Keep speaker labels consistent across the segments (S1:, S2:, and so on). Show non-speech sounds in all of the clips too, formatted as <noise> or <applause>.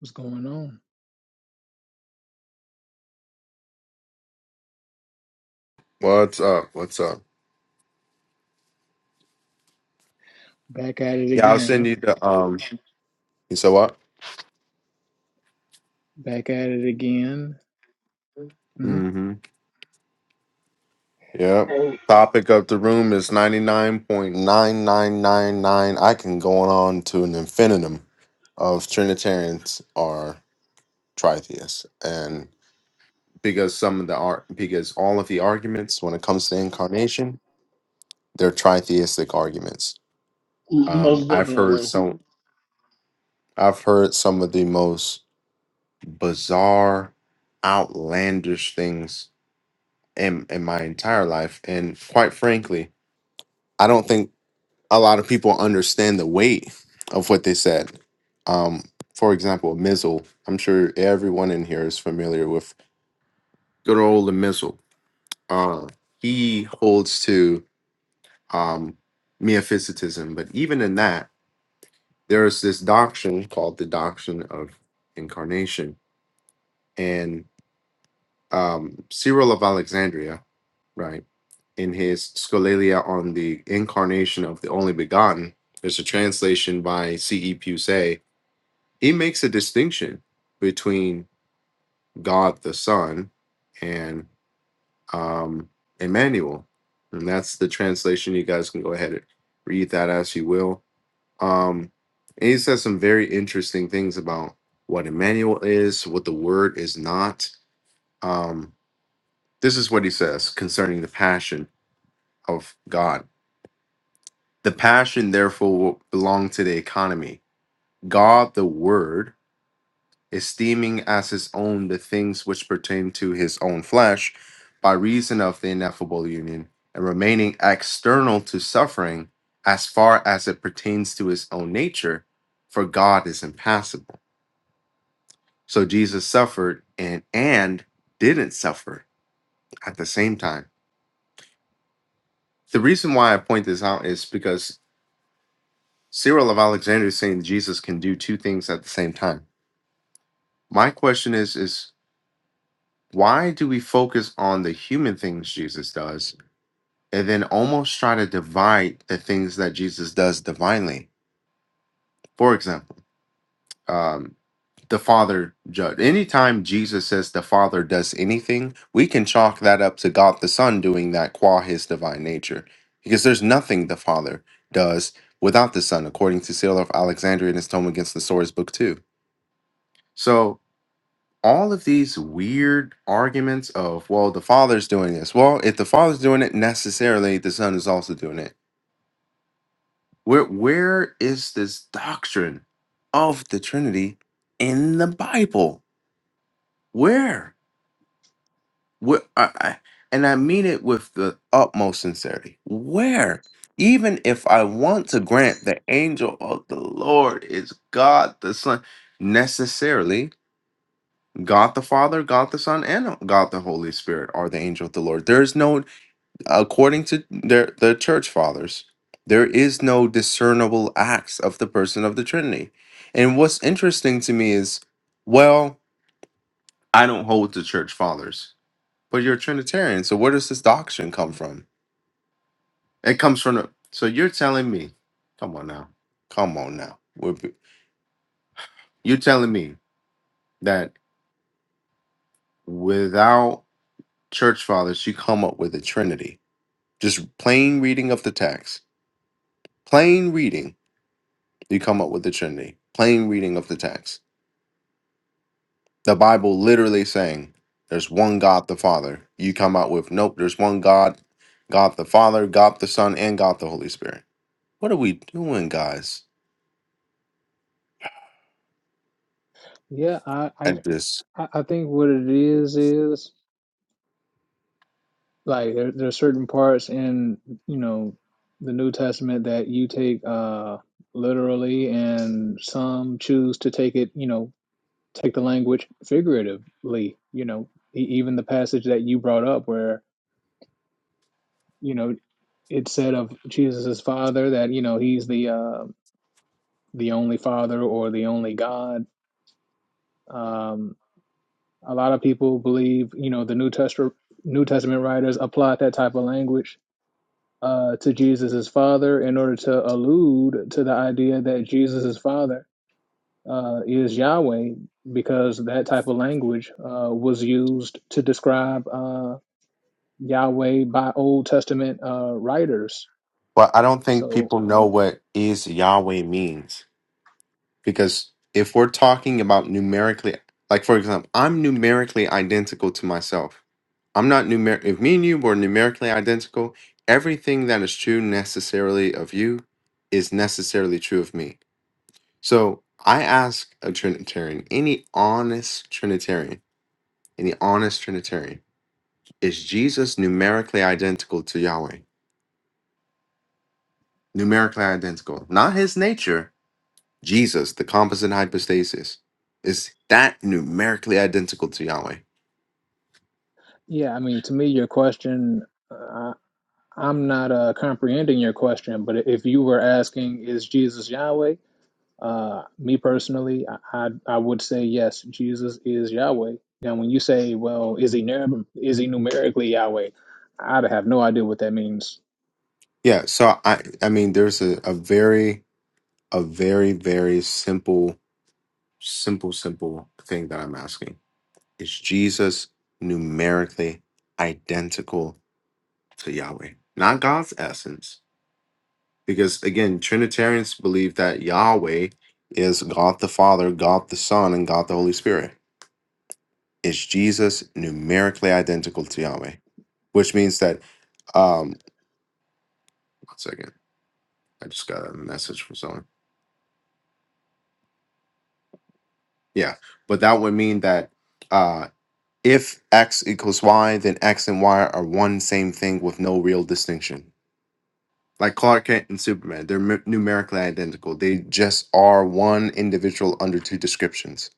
S1: What's going on?
S2: What's up? What's up?
S1: Back at it
S2: Yeah, I'll
S1: again, huh?
S2: send you the um you said what?
S1: Back at it again. hmm
S2: Mm-hmm. Yeah.
S3: And
S2: Topic of the room is ninety nine point nine nine nine nine. I can go on to an infinitum of Trinitarians are tritheists. And because some of the art because all of the arguments when it comes to incarnation, they're tritheistic arguments. Um
S3: most
S2: I've heard
S3: definitely,
S2: some I've heard some of the most bizarre, outlandish things in in my entire life and quite frankly i don't think a lot of people understand the weight of what they said um for example mizzle i'm sure everyone in here is familiar with good old mizzle uh he holds to um meophysitism but even in that there is this doctrine called the doctrine of incarnation um, Cyril of Alexandria, right, in his Scholalia on the incarnation of the only begotten, there's a translation by C.E. Pusey. He makes a distinction between God the Son and um, Emmanuel. And that's the translation. You guys can go ahead and read that as you will. Um, and he says some very interesting things about what Emmanuel is, what the word is not. Um, This is what he says concerning the passion of God. The passion, therefore, will belong to the economy. God, the Word, esteeming as his own the things which pertain to his own flesh by reason of the ineffable union, and remaining external to suffering as far as it pertains to his own nature, for God is impassible. So Jesus suffered and and didn't suffer at the same time the reason why I point this out is because Cyril of Alexandria is saying Jesus can do two things at the same time. My question is is why do we focus on the human things Jesus does and then almost try to divide the things that Jesus does divinely? For example, um, the Father judge. Anytime Jesus says the Father does anything, we can chalk that up to God the Son doing that qua his divine nature. Because there's nothing the Father does without the Son, according to Cyril of Alexandria in his tome against the Source Book 2. So all of these weird arguments of well the father's doing this well if the father's doing it necessarily the son is also doing it where where is this doctrine of the trinity in the bible where where I, I, and i mean it with the utmost sincerity where even if i want to grant the angel of the lord is god the son necessarily God the Father, God the Son, and God the Holy Spirit are the angel of the Lord. There is no, according to their, the church fathers, there is no discernible acts of the person of the Trinity. And what's interesting to me is, well, I don't hold the church fathers, but you're a Trinitarian. So where does this doctrine come from? It comes from the. So you're telling me, come on now, come on now. We're be- You're telling me that without church fathers, you come up with a Trinity Just plain reading of the text. Plain reading, you come up with the Trinity. Plain reading of the text. The Bible literally saying there's one God the Father. You come out with nope, there's one God, God the Father, God the Son, and God the Holy Spirit. What are we doing, guys?
S1: Yeah, I, I,
S2: At this.
S1: I I think what it is is like there, there are certain parts in you know the New Testament that you take uh literally, and some choose to take it, you know, take the language figuratively. You know, e- even the passage that you brought up where you know it said of Jesus' father that you know he's the uh, the only father or the only God. Um, A lot of people believe, you know, the New Testament New Testament writers applied that type of language uh, to Jesus' father in order to allude to the idea that Jesus' father uh, is Yahweh, because that type of language uh, was used to describe uh, Yahweh by Old Testament uh, writers.
S2: Well, I don't think
S1: So,
S2: people know what is Yahweh means. Because if we're talking about numerically like for example, I'm numerically identical to myself I'm not numer if me and you were numerically identical, everything that is true necessarily of you is necessarily true of me. So I ask a Trinitarian, any honest Trinitarian, any honest Trinitarian, is Jesus numerically identical to Yahweh? Numerically identical. Not his nature, Jesus, the composite hypostasis. Is that numerically identical to Yahweh?
S1: yeah, I mean, to me, your question, uh, I'm not uh, comprehending your question, but if you were asking, is Jesus Yahweh? Uh, me personally, I, I I would say yes, Jesus is Yahweh. Now, when you say, well, is he numer- is he numerically Yahweh? I'd have no idea what that means.
S2: Yeah, so I I mean there's a, a very a very, very simple Simple, simple thing that I'm asking. Is Jesus numerically identical to Yahweh? Not God's essence. Because again, Trinitarians believe that Yahweh is God the Father, God the Son, and God the Holy Spirit. Is Jesus numerically identical to Yahweh? Which means that um one second. I just got a message from someone. Yeah. But that would mean that uh, If X equals Y, then X and Y are one same thing with no real distinction. Like Clark Kent and Superman, they're mu- numerically identical. They just are one individual under two descriptions.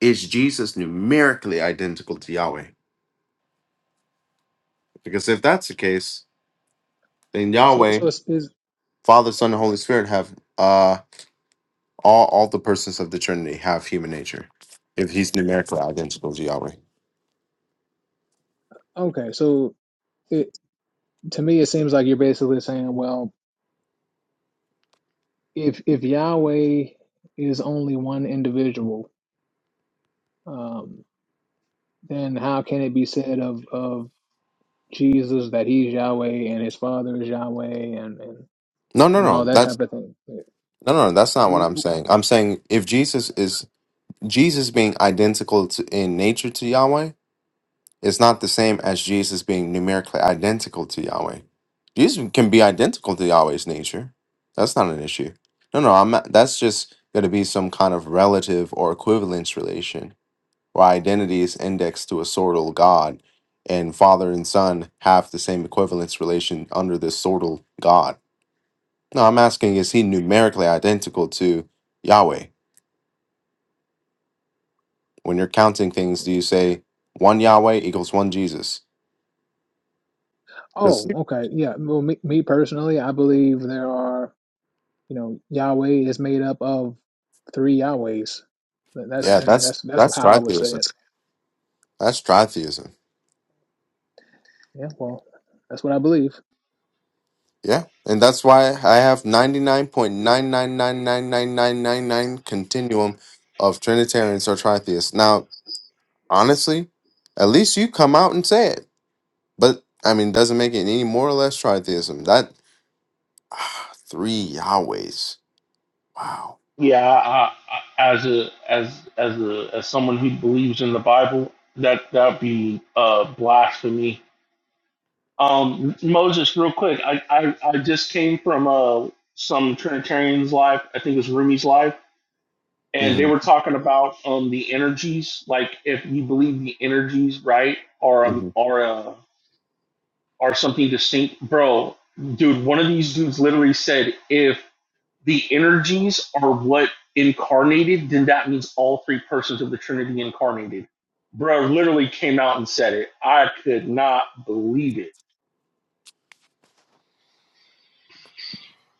S2: Is Jesus numerically identical to Yahweh? Because if that's the case, then
S1: So
S2: Yahweh,
S1: so it's, it's
S2: Father, Son, and Holy Spirit have uh all all the persons of the Trinity have human nature. If he's numerically identical to Yahweh.
S1: okay. So it to me, it seems like you're basically saying, well, if if Yahweh is only one individual, um, then how can it be said of of Jesus that he's Yahweh and his father is Yahweh and and,
S2: No, no,
S1: and all
S2: no.
S1: that
S2: That's
S1: type of
S2: no, no, no. That's not what I'm
S1: thing?
S2: saying. I'm saying if Jesus is Jesus being identical to, in nature to Yahweh is not the same as Jesus being numerically identical to Yahweh. Jesus can be identical to Yahweh's nature. That's not an issue. No, no, I'm not, that's just going to be some kind of relative or equivalence relation where identity is indexed to a sortal God and father and son have the same equivalence relation under this sortal God. No, I'm asking is he numerically identical to Yahweh? When you're counting things, do you say one Yahweh equals one Jesus? Because
S1: Oh, okay. Yeah. Well, me, me personally, I believe there are, you know, Yahweh is made up of three Yahwehs. That- That's,
S2: yeah,
S1: you know,
S2: that's
S1: that's that's
S2: that's
S1: how I would say it.
S2: tritheism. That's tritheism.
S1: Yeah. Well, that's what I believe.
S2: Yeah, and that's why I have ninety nine point nine nine nine nine nine nine nine nine continuum of Trinitarians or tritheists. Now, honestly, at least you come out and say it. But I mean, doesn't make it any more or less tritheism. That ah, three Yahwehs. Wow.
S3: yeah. I, I, as a as as a as someone who believes in the Bible, that that'd be uh, blasphemy. Um, Moses, real quick, I, I I just came from uh some Trinitarians live. I think it was Rumi's live, and they
S2: hmm
S3: were talking about um the energies, like if you believe the energies, right, are um
S2: hmm
S3: are uh, are something distinct, bro. Dude, one of these dudes literally said if the energies are what incarnated, then that means all three persons of the Trinity incarnated. Bro literally came out and said it. I could not believe it.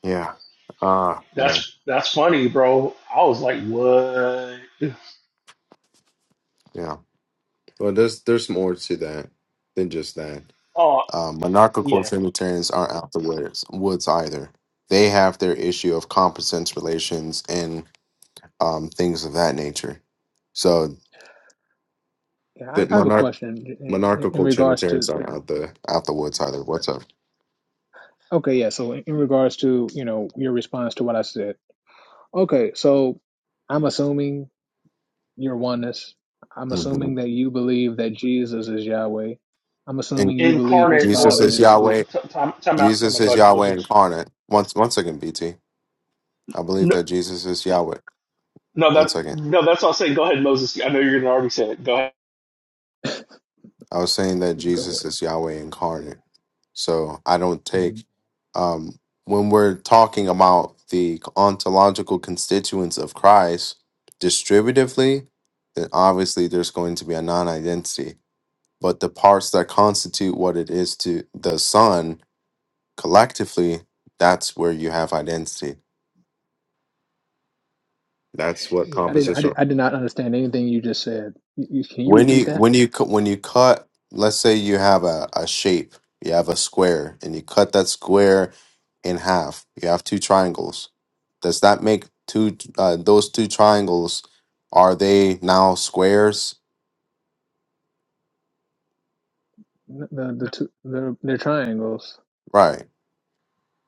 S2: Yeah. Ah, man.
S3: That's that's funny, bro. I was like, what?
S2: Yeah. Well, there's there's more to that than just that.
S3: Oh
S2: Um, monarchical
S3: yeah,
S2: Trinitarians aren't out the woods, woods either. They have their issue of competence relations and um, things of that nature. So
S1: Yeah. I,
S2: the
S1: I have a
S2: monarch
S1: question in, in, in
S2: monarchical
S1: regards
S2: Trinitarians
S1: to.
S2: aren't out the out the woods either. What's up?
S1: Okay. Yeah. So in, in regards to, you know, your response to what I said. Okay. So I'm assuming you're oneness. I'm
S2: hmm
S1: assuming that you believe that Jesus is Yahweh. I'm
S2: And
S1: assuming you believe his
S3: incarnate or
S2: Jesus
S1: father
S2: is
S1: is
S3: t- t-
S2: Yahweh.
S1: is.
S3: t- time time out, time
S2: Jesus
S3: out. Go
S2: is
S3: ahead,
S2: Yahweh
S3: Moses.
S2: incarnate. Once one second, BT. I believe
S3: No,
S2: that Jesus is Yahweh.
S3: no,
S2: One
S3: that
S2: second.
S3: no, that's all I'm saying. Go ahead, Moses. I know you're gonna already say it. Go ahead.
S2: I was saying that
S1: Go ahead.
S2: Jesus is Yahweh incarnate. So I don't
S1: Mm-hmm.
S2: take um when we're talking about the ontological constituents of Christ distributively, then obviously there's going to be a non-identity. But the parts that constitute what it is to the Son collectively, that's where you have identity. That's what
S1: Yeah, I didn't. I did,
S2: compositional
S1: I did not understand anything you just said. You, you, can you
S2: When you
S1: repeat that?
S2: when you cu- when you cut, let's say you have a, a shape, you have a square, and you cut that square in half. You have two triangles. Does that make two? Uh, those two triangles are they now squares?
S1: N- The the two the they're triangles.
S2: Right.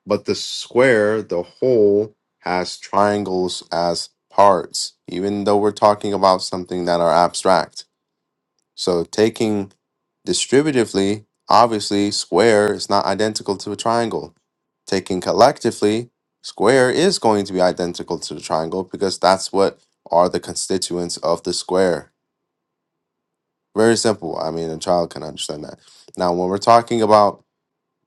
S2: But the square, the whole, has triangles as parts, even though we're talking about something that are abstract. So taking distributively, obviously, square is not identical to a triangle. Taking collectively, square is going to be identical to the triangle because that's what are the constituents of the square. Very simple. I mean, a child can understand that. Now, when we're talking about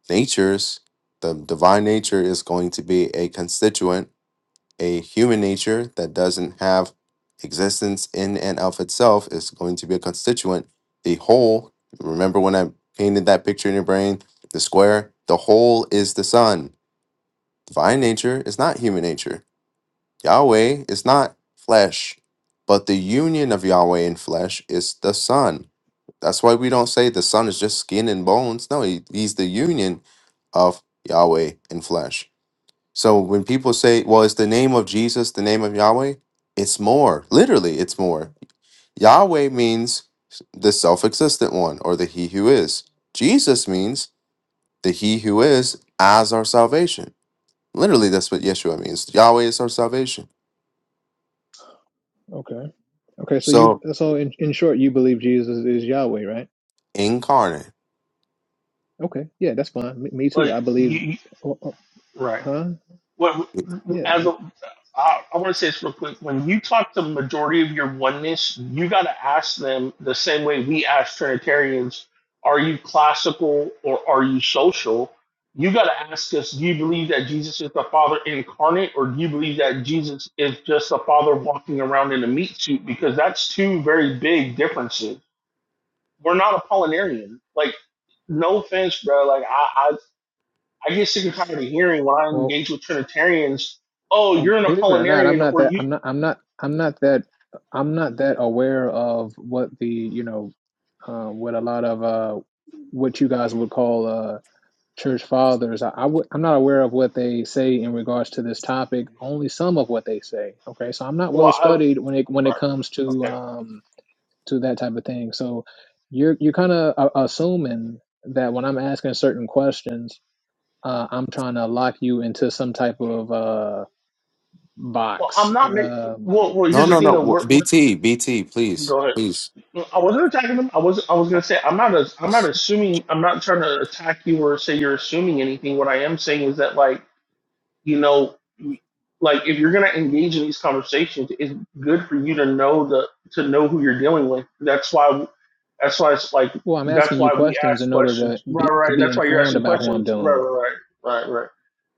S2: natures, the divine nature is going to be a constituent a human nature that doesn't have existence in and of itself is going to be a constituent. The whole, remember when I painted that picture in your brain, the square, the whole is the sun. Divine nature is not human nature. Yahweh is not flesh, but the union of Yahweh and flesh is the sun. That's why we don't say the sun is just skin and bones. No, he, he's the union of Yahweh and flesh. So when people say, well, it's the name of Jesus, the name of Yahweh, it's more. Literally, it's more. Yahweh means the self existent one or the he who is. Jesus means the he who is as our salvation. Literally, that's what Yeshua means. Yahweh is our salvation.
S1: Okay. Okay. So you
S2: So
S1: so in in short, you believe Jesus is Yahweh, right?
S2: incarnate.
S1: Okay. Yeah, that's fine. Me, me too.
S3: Like,
S1: I
S3: you,
S1: believe.
S3: you-
S1: oh, oh,
S3: right.
S1: huh?
S3: Well,
S1: Yeah.
S3: as
S1: uh,
S3: a, I, I want to say this real quick. When you talk to the majority of your oneness, you got to ask them the same way we ask Trinitarians: Are you classical or are you social? You got to ask us: Do you believe that Jesus is the Father incarnate, or do you believe that Jesus is just the Father walking around in a meat suit? Because that's two very big differences. We're not Apollinarian. Like, no offense, bro. Like, I, I get sick and tired of hearing when I
S1: Well,
S3: engage with Trinitarians, "Oh,
S1: well,
S3: you're an
S1: believe it or not, I'm
S3: Apollinarian,"
S1: not
S3: or
S1: that.
S3: "You."
S1: I'm not. I'm not. I'm not that. I'm not that aware of what the you know, uh, what a lot of uh, what you guys would call uh, church fathers. I I w- I'm not aware of what they say in regards to this topic. Only some of what they say. Okay, so I'm not
S3: Well,
S1: well
S3: I,
S1: studied when it when it
S3: well,
S1: comes to
S3: okay.
S1: um to that type of thing. So you're you're kind of uh, assuming that when I'm asking certain questions, uh, I'm trying to lock you into some type of uh
S3: Well,
S1: box.
S3: I'm not making.
S1: Um,
S3: Well, well,
S2: No,
S3: here's the
S2: no,
S1: so.
S3: thing though.
S2: no. wh-
S3: We're, we're,
S2: BT, BT, please,
S3: go ahead.
S2: please.
S3: I wasn't attacking them. I was. I was gonna say I'm not. A, I'm not
S2: Yes.
S3: assuming. I'm not trying to attack you or say you're assuming anything. What I am saying is that like. you know like if you're going to engage in these conversations it's good for you to know the to know who you're dealing with that's why that's why it's like
S1: Well, I'm
S3: that's
S1: asking you
S3: why we
S1: questions
S3: ask
S1: in order to
S3: questions right
S1: be to
S3: right
S1: be
S3: that's why you're
S1: informed
S3: asking
S1: about who I'm
S3: questions
S1: dealing
S3: right
S1: with.
S3: right right right right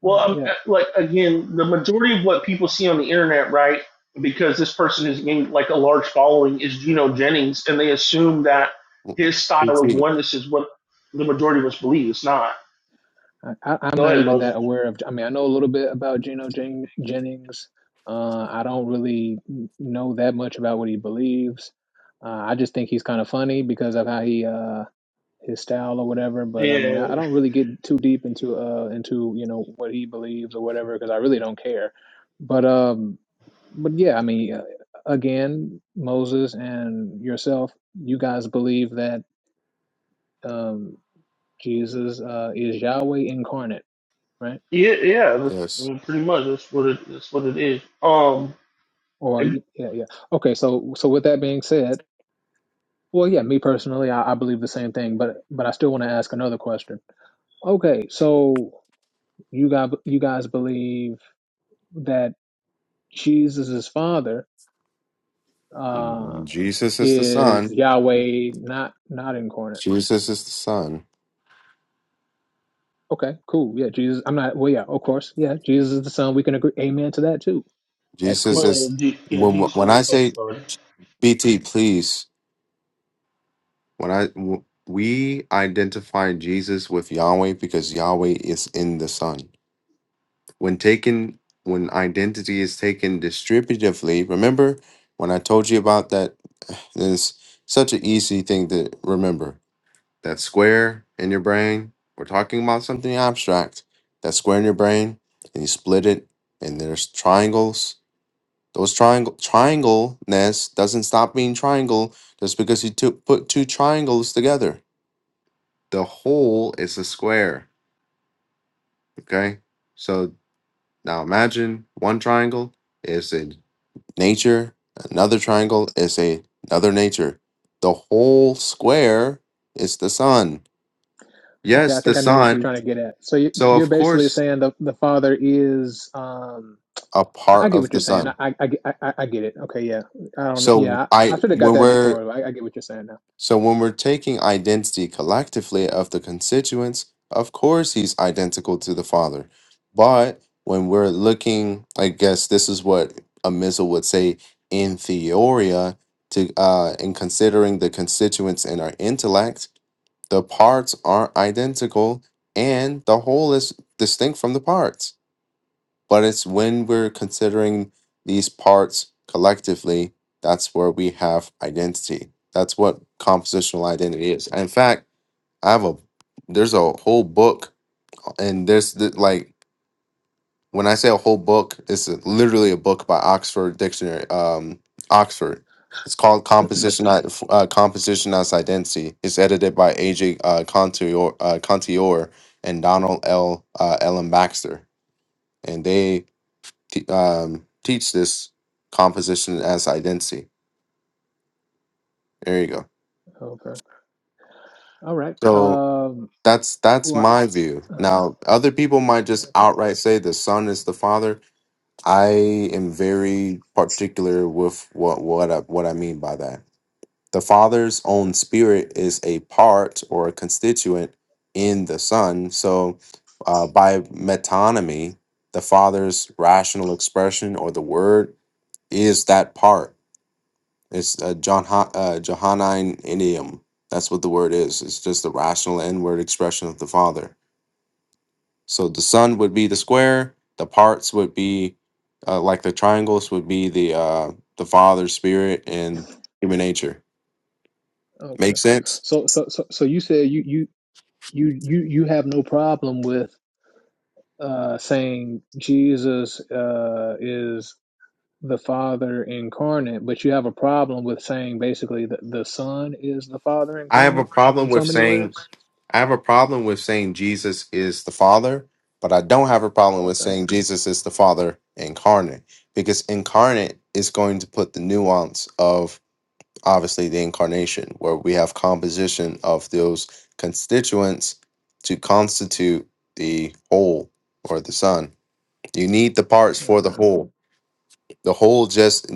S3: well um, uh,
S1: Yeah.
S3: like again the majority of what people see on the internet right because this person has gained like a large following is Geno Jennings and they assume that his style of
S2: BT.
S3: oneness is what the majority of us believe it's not
S1: I, I- I'm
S3: go
S1: not
S3: ahead
S1: even
S3: Moses
S1: that aware of. I mean, I know a little bit about Geno Jen, Jennings. Uh, I don't really n- know that much about what he believes. Uh, I just think he's kind of funny because of how he uh, his style or whatever. But I mean,
S3: yeah
S1: I, I don't really get too deep into uh into you know what he believes or whatever because I really don't care. But um, but yeah, I mean, uh, again, Moses and yourself, you guys believe that um Jesus uh is Yahweh incarnate, right?
S3: Yeah, yeah, that's, I
S2: Yes.
S3: mean, pretty much that's what it that's what it is. Um,
S1: Or
S3: and-
S1: yeah, yeah. Okay, so so with that being said. Well, yeah, me personally, I, I believe the same thing, but but I still want to ask another question. Okay, so you got you guys believe that Jesus' father uh,
S2: Mm, Jesus is the
S1: is
S2: Son.
S1: Yahweh, not not incarnate.
S2: Jesus is the Son.
S1: Okay, cool. Yeah, Jesus. I'm not. Well, yeah, of course. Yeah, Jesus is the Son. We can agree. Amen to that too. That's
S2: Jesus
S1: cool.
S3: well,
S2: is
S3: Je- yeah,
S2: when
S3: Jesus
S2: when I
S3: is talking
S2: say
S3: about right?
S2: BT, please. When I w- we identify Jesus with Yahweh because Yahweh is in the Son. When taken, when identity is taken distributively, remember when I told you about that. <sighs> It's such an easy thing to remember. That square in your brain. We're talking about something abstract. That square in your brain, and you split it, and there's triangles Those triangle triangle ness doesn't stop being triangle just because you took put two triangles together. The whole is a square. Okay. So now imagine one triangle is a nature, another triangle is a another nature. The whole square is the sun.
S1: Okay,
S2: Yes,
S1: I
S2: the
S1: think I know what you're
S2: sun.
S1: trying to get at. So you-
S2: So
S1: you're
S2: of
S1: basically
S2: course
S1: saying the the Father is. Um,
S2: a
S1: I I
S2: part
S1: get
S2: of
S1: what you're
S2: the
S1: saying. I
S2: sun.
S1: I, I I I get it. Okay, yeah. I don't.
S2: So
S1: Yeah, I
S2: I
S1: I should have got
S2: when
S1: that
S2: we're
S1: before. I, I get what you're saying now.
S2: So when we're taking identity collectively of the constituents, of course he's identical to the Father. But when we're looking, I guess this is what a missile would say in theoria to uh in considering the constituents in our intellect, the parts are identical and the whole is distinct from the parts. But it's when we're considering these parts collectively, that's where we have identity. That's what compositional identity is. In fact, I have a there's a whole book, and there's the, like when I say a whole book, it's literally a book by Oxford Dictionary, um, Oxford. It's called Composition uh, Composition as Identity. It's edited by AJ uh, Contior, uh, Contior and Donald L. Uh, Ellen Baxter, and they t- um, teach this composition as identity. There you go.
S1: Okay. All right.
S2: So
S1: Um.
S2: that's that's
S1: What?
S2: my view. Now, other people might just outright say the son is the father. I am very particular with what what I, what I mean by that. The father's own spirit is a part or a constituent in the son. So, uh, by metonymy, the father's rational expression or the word is that part It's uh, John uh, Johannine idiom. That's what the word is. It's just the rational inward expression of the Father. So the Son would be the square. The parts would be uh, like the triangles would be the uh, the Father, Spirit, and human nature.
S1: Okay.
S2: Make sense?
S1: So so so so you said you you you you you have no problem with uh saying Jesus uh is the Father incarnate, but you have a problem with saying basically that the Son is the Father
S2: I have a
S1: incarnate in,
S2: problem
S1: in so
S2: with
S1: many
S2: saying
S1: words?
S2: I have a problem with saying Jesus is the Father, but I don't have a problem with
S1: Okay.
S2: saying Jesus is the Father incarnate because incarnate is going to put the nuance of obviously the incarnation, where we have composition of those constituents to constitute the whole or the sun. You need the parts for the
S1: Okay.
S2: whole. The whole just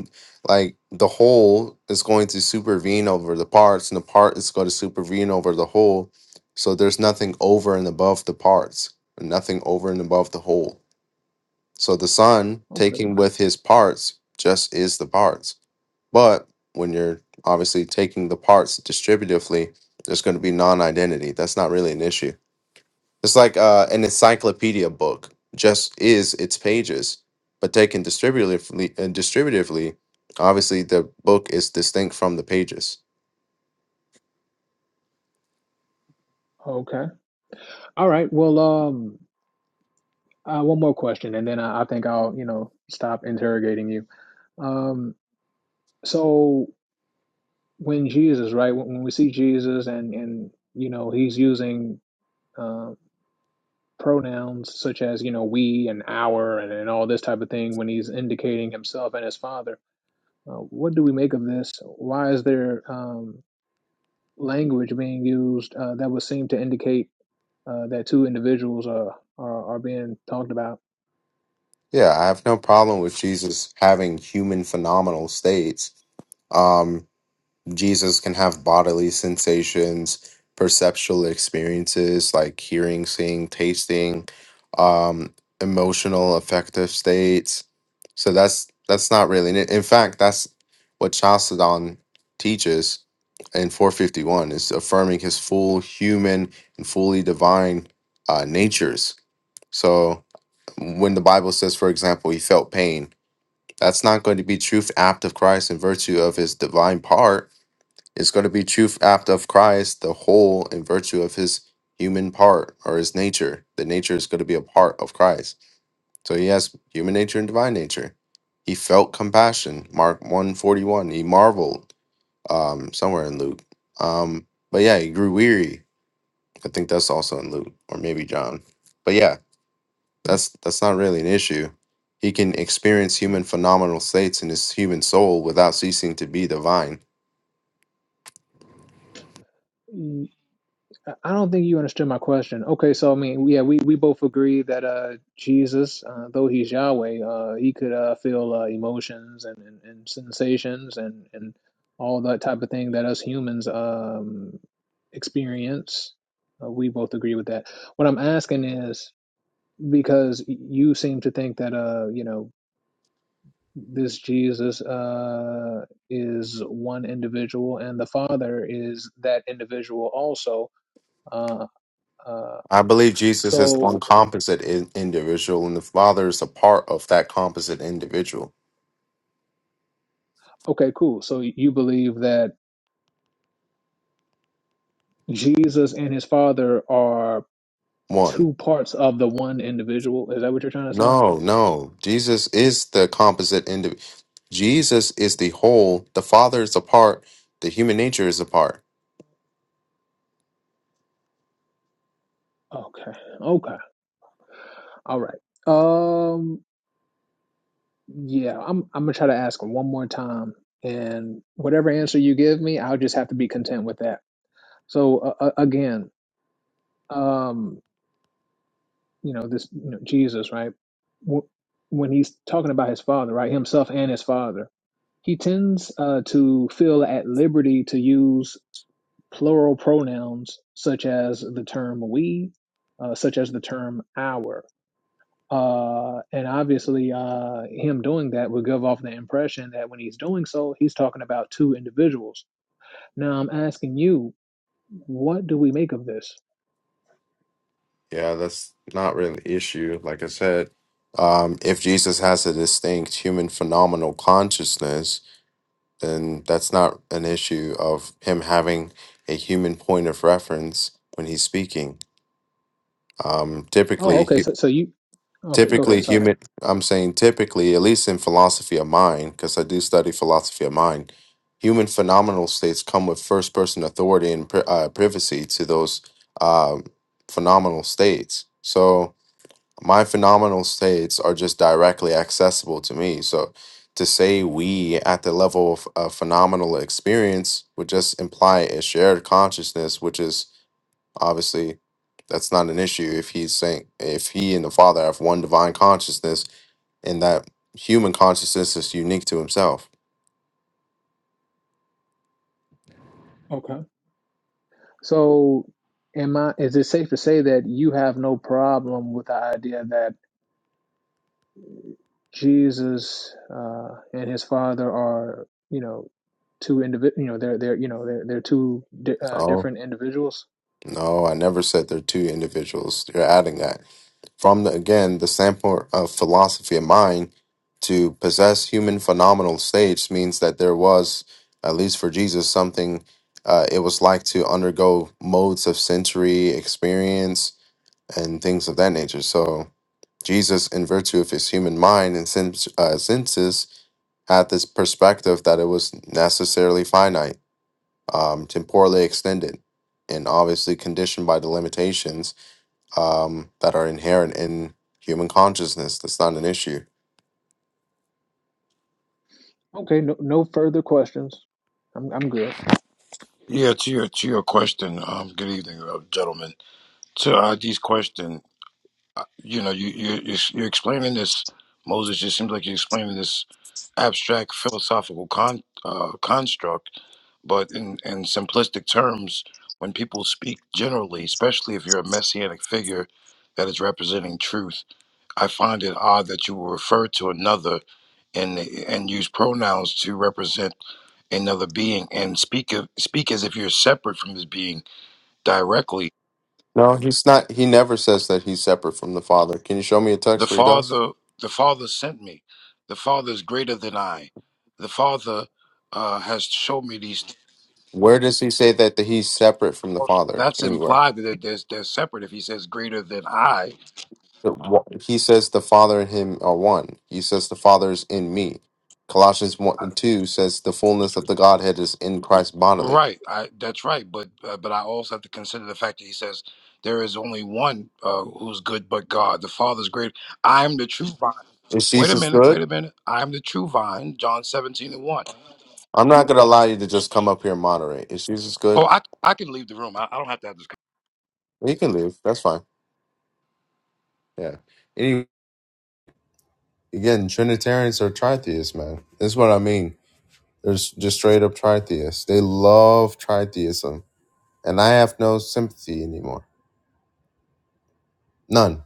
S2: like the whole is going to supervene over the parts, and the part is going to supervene over the whole. So there's nothing over and above the parts, and nothing over and above the whole. So the sun,
S1: Okay.
S2: taking with his parts, just is the parts but when you're obviously taking the parts distributively, there's going to be non identity. That's not really an issue. It's like uh, an encyclopedia book just is its pages, but taken distributively, uh, distributively, obviously the book is distinct from the pages.
S1: Okay. All right. Well, um uh, one more question and then I, I think I'll, you know, stop interrogating you. Um so when Jesus, right? When, when we see Jesus and and you know he's using uh, pronouns such as you know we and our and, and all this type of thing when he's indicating himself and his Father, uh, what do we make of this? Why is there um, language being used uh, that would seem to indicate uh, that two individuals are, are are being talked about?
S2: Yeah, I have no problem with Jesus having human phenomenal states. Um, Jesus can have bodily sensations, perceptual experiences like hearing, seeing, tasting, um, emotional affective states. So that's that's not really. In in fact, that's what Chalcedon teaches in 451 is affirming his full human and fully divine uh, natures. So when the Bible says, for example, he felt pain, that's not going to be truth apt of Christ in virtue of his divine part it's going to be truth apt of Christ, the whole in virtue of his human part or his nature. The nature is going to be a part of Christ. So he has human nature and divine nature. He felt compassion. Mark 141. He marveled um, somewhere in Luke. Um, but yeah, he grew weary. I think that's also in Luke or maybe John. But yeah, that's that's not really an issue. He can experience human phenomenal states in his human soul without ceasing to be divine
S1: I I don't think you understood my question. Okay, so I mean, yeah, we, we both agree that uh, Jesus, uh, though he's Yahweh, uh, he could uh, feel uh, emotions and, and, and sensations and, and all that type of thing that us humans um, experience. Uh, we both agree with that. What I'm asking is because you seem to think that uh, you know this Jesus uh, is one individual and the Father is that individual also. Uh, uh,
S2: I believe Jesus is one
S1: so,
S2: composite in- individual, and the Father is a part of that composite individual.
S1: okay, cool. So you believe that Jesus and his Father are
S2: One.
S1: two parts of the one individual. Is that what you're trying to say?
S2: No, no. Jesus is the composite individual. Jesus is the whole. The Father is a part. The human nature is a part.
S1: Okay. Okay. All right. Um, yeah, I'm I'm gonna try to ask one more time, and whatever answer you give me, I'll just have to be content with that. So uh, uh, again, um, you know this you know, Jesus, right? W- when he's talking about his father, right, himself and his father, he tends uh, to feel at liberty to use plural pronouns such as the term "we," uh, such as the term "our." Uh, and obviously, uh, him doing that would give off the impression that when he's doing so, he's talking about two individuals. Now, I'm asking you, what do we make of this?
S2: Yeah, that's not really an issue. Like I said, um, if Jesus has a distinct human phenomenal consciousness, then that's not an issue of him having a human point of reference when he's speaking. Um,
S1: Oh,
S2: typically,
S1: okay. So, so you, okay, go ahead.
S2: Typically,
S1: Sorry.
S2: human, I'm saying typically, at least in philosophy of mind, because I do study philosophy of mind, human phenomenal states come with first person authority and pri- uh, privacy to those um, phenomenal states. So, my phenomenal states are just directly accessible to me. So, to say we at the level of a phenomenal experience would just imply a shared consciousness, which is Obviously, that's not an issue if he's saying if he and the Father have one divine consciousness, and that human consciousness is unique to himself.
S1: Okay. So, am I, is it safe to say that you have no problem with the idea that Jesus uh, and his father are, you know, two individ, you know, they're, they're, you know, they're, they're two di- uh,
S2: No,
S1: different individuals?
S2: no, I never said they're two individuals. You're adding that from the, again the standpoint of philosophy of mind. To possess human phenomenal states means that there was, at least for Jesus, something uh, it was like to undergo modes of sensory experience and things of that nature. So Jesus, in virtue of his human mind and sen- uh, senses, had this perspective that it was necessarily finite, um, temporally extended, and obviously conditioned by the limitations um, that are inherent in human consciousness. That's not an issue.
S1: Okay. No, no further questions. I'm, I'm good.
S4: Yeah, to your to your question, um, good evening, uh, gentlemen. To ID's question, you know, you you you're, you're explaining this, Moses. It seems like you're explaining this abstract philosophical con uh, construct, but in in simplistic terms, when people speak generally, especially if you're a messianic figure that is representing truth, I find it odd that you will refer to another and and use pronouns to represent another being and speak of, speak as if you're separate from this being directly
S2: No, he's not. He never says that he's separate from the Father. Can you show me a
S4: the
S2: text where he does?
S4: father the father sent me the father is greater than i the father uh, has shown me these things.
S2: Where does he say that, that he's separate from the
S4: Well,
S2: Father?
S4: that's
S2: Anywhere?
S4: implied that they're, they're separate if he says greater than i
S2: The wa- He says the Father and him are one. He says the Father is in me. Colossians 1 and 2 says the fullness of the Godhead is in Christ bodily.
S4: right I, that's right but uh, but i also have to consider the fact that he says there is only one uh, who's good but god the father's great i am the true vine
S2: Is
S4: wait a
S2: Jesus
S4: minute
S2: good?
S4: wait a minute i am the true vine john 17 and 1
S2: I'm not going to allow you to just come up here and moderate. Is Jesus
S4: oh
S2: good?
S4: i, I can leave the room i, I don't have to have this
S2: You can leave. That's fine. Yeah. Any again, Trinitarians are tritheists, man. This is what I mean. They're s- just straight up tritheists. They love tritheism. And I have no sympathy anymore. None.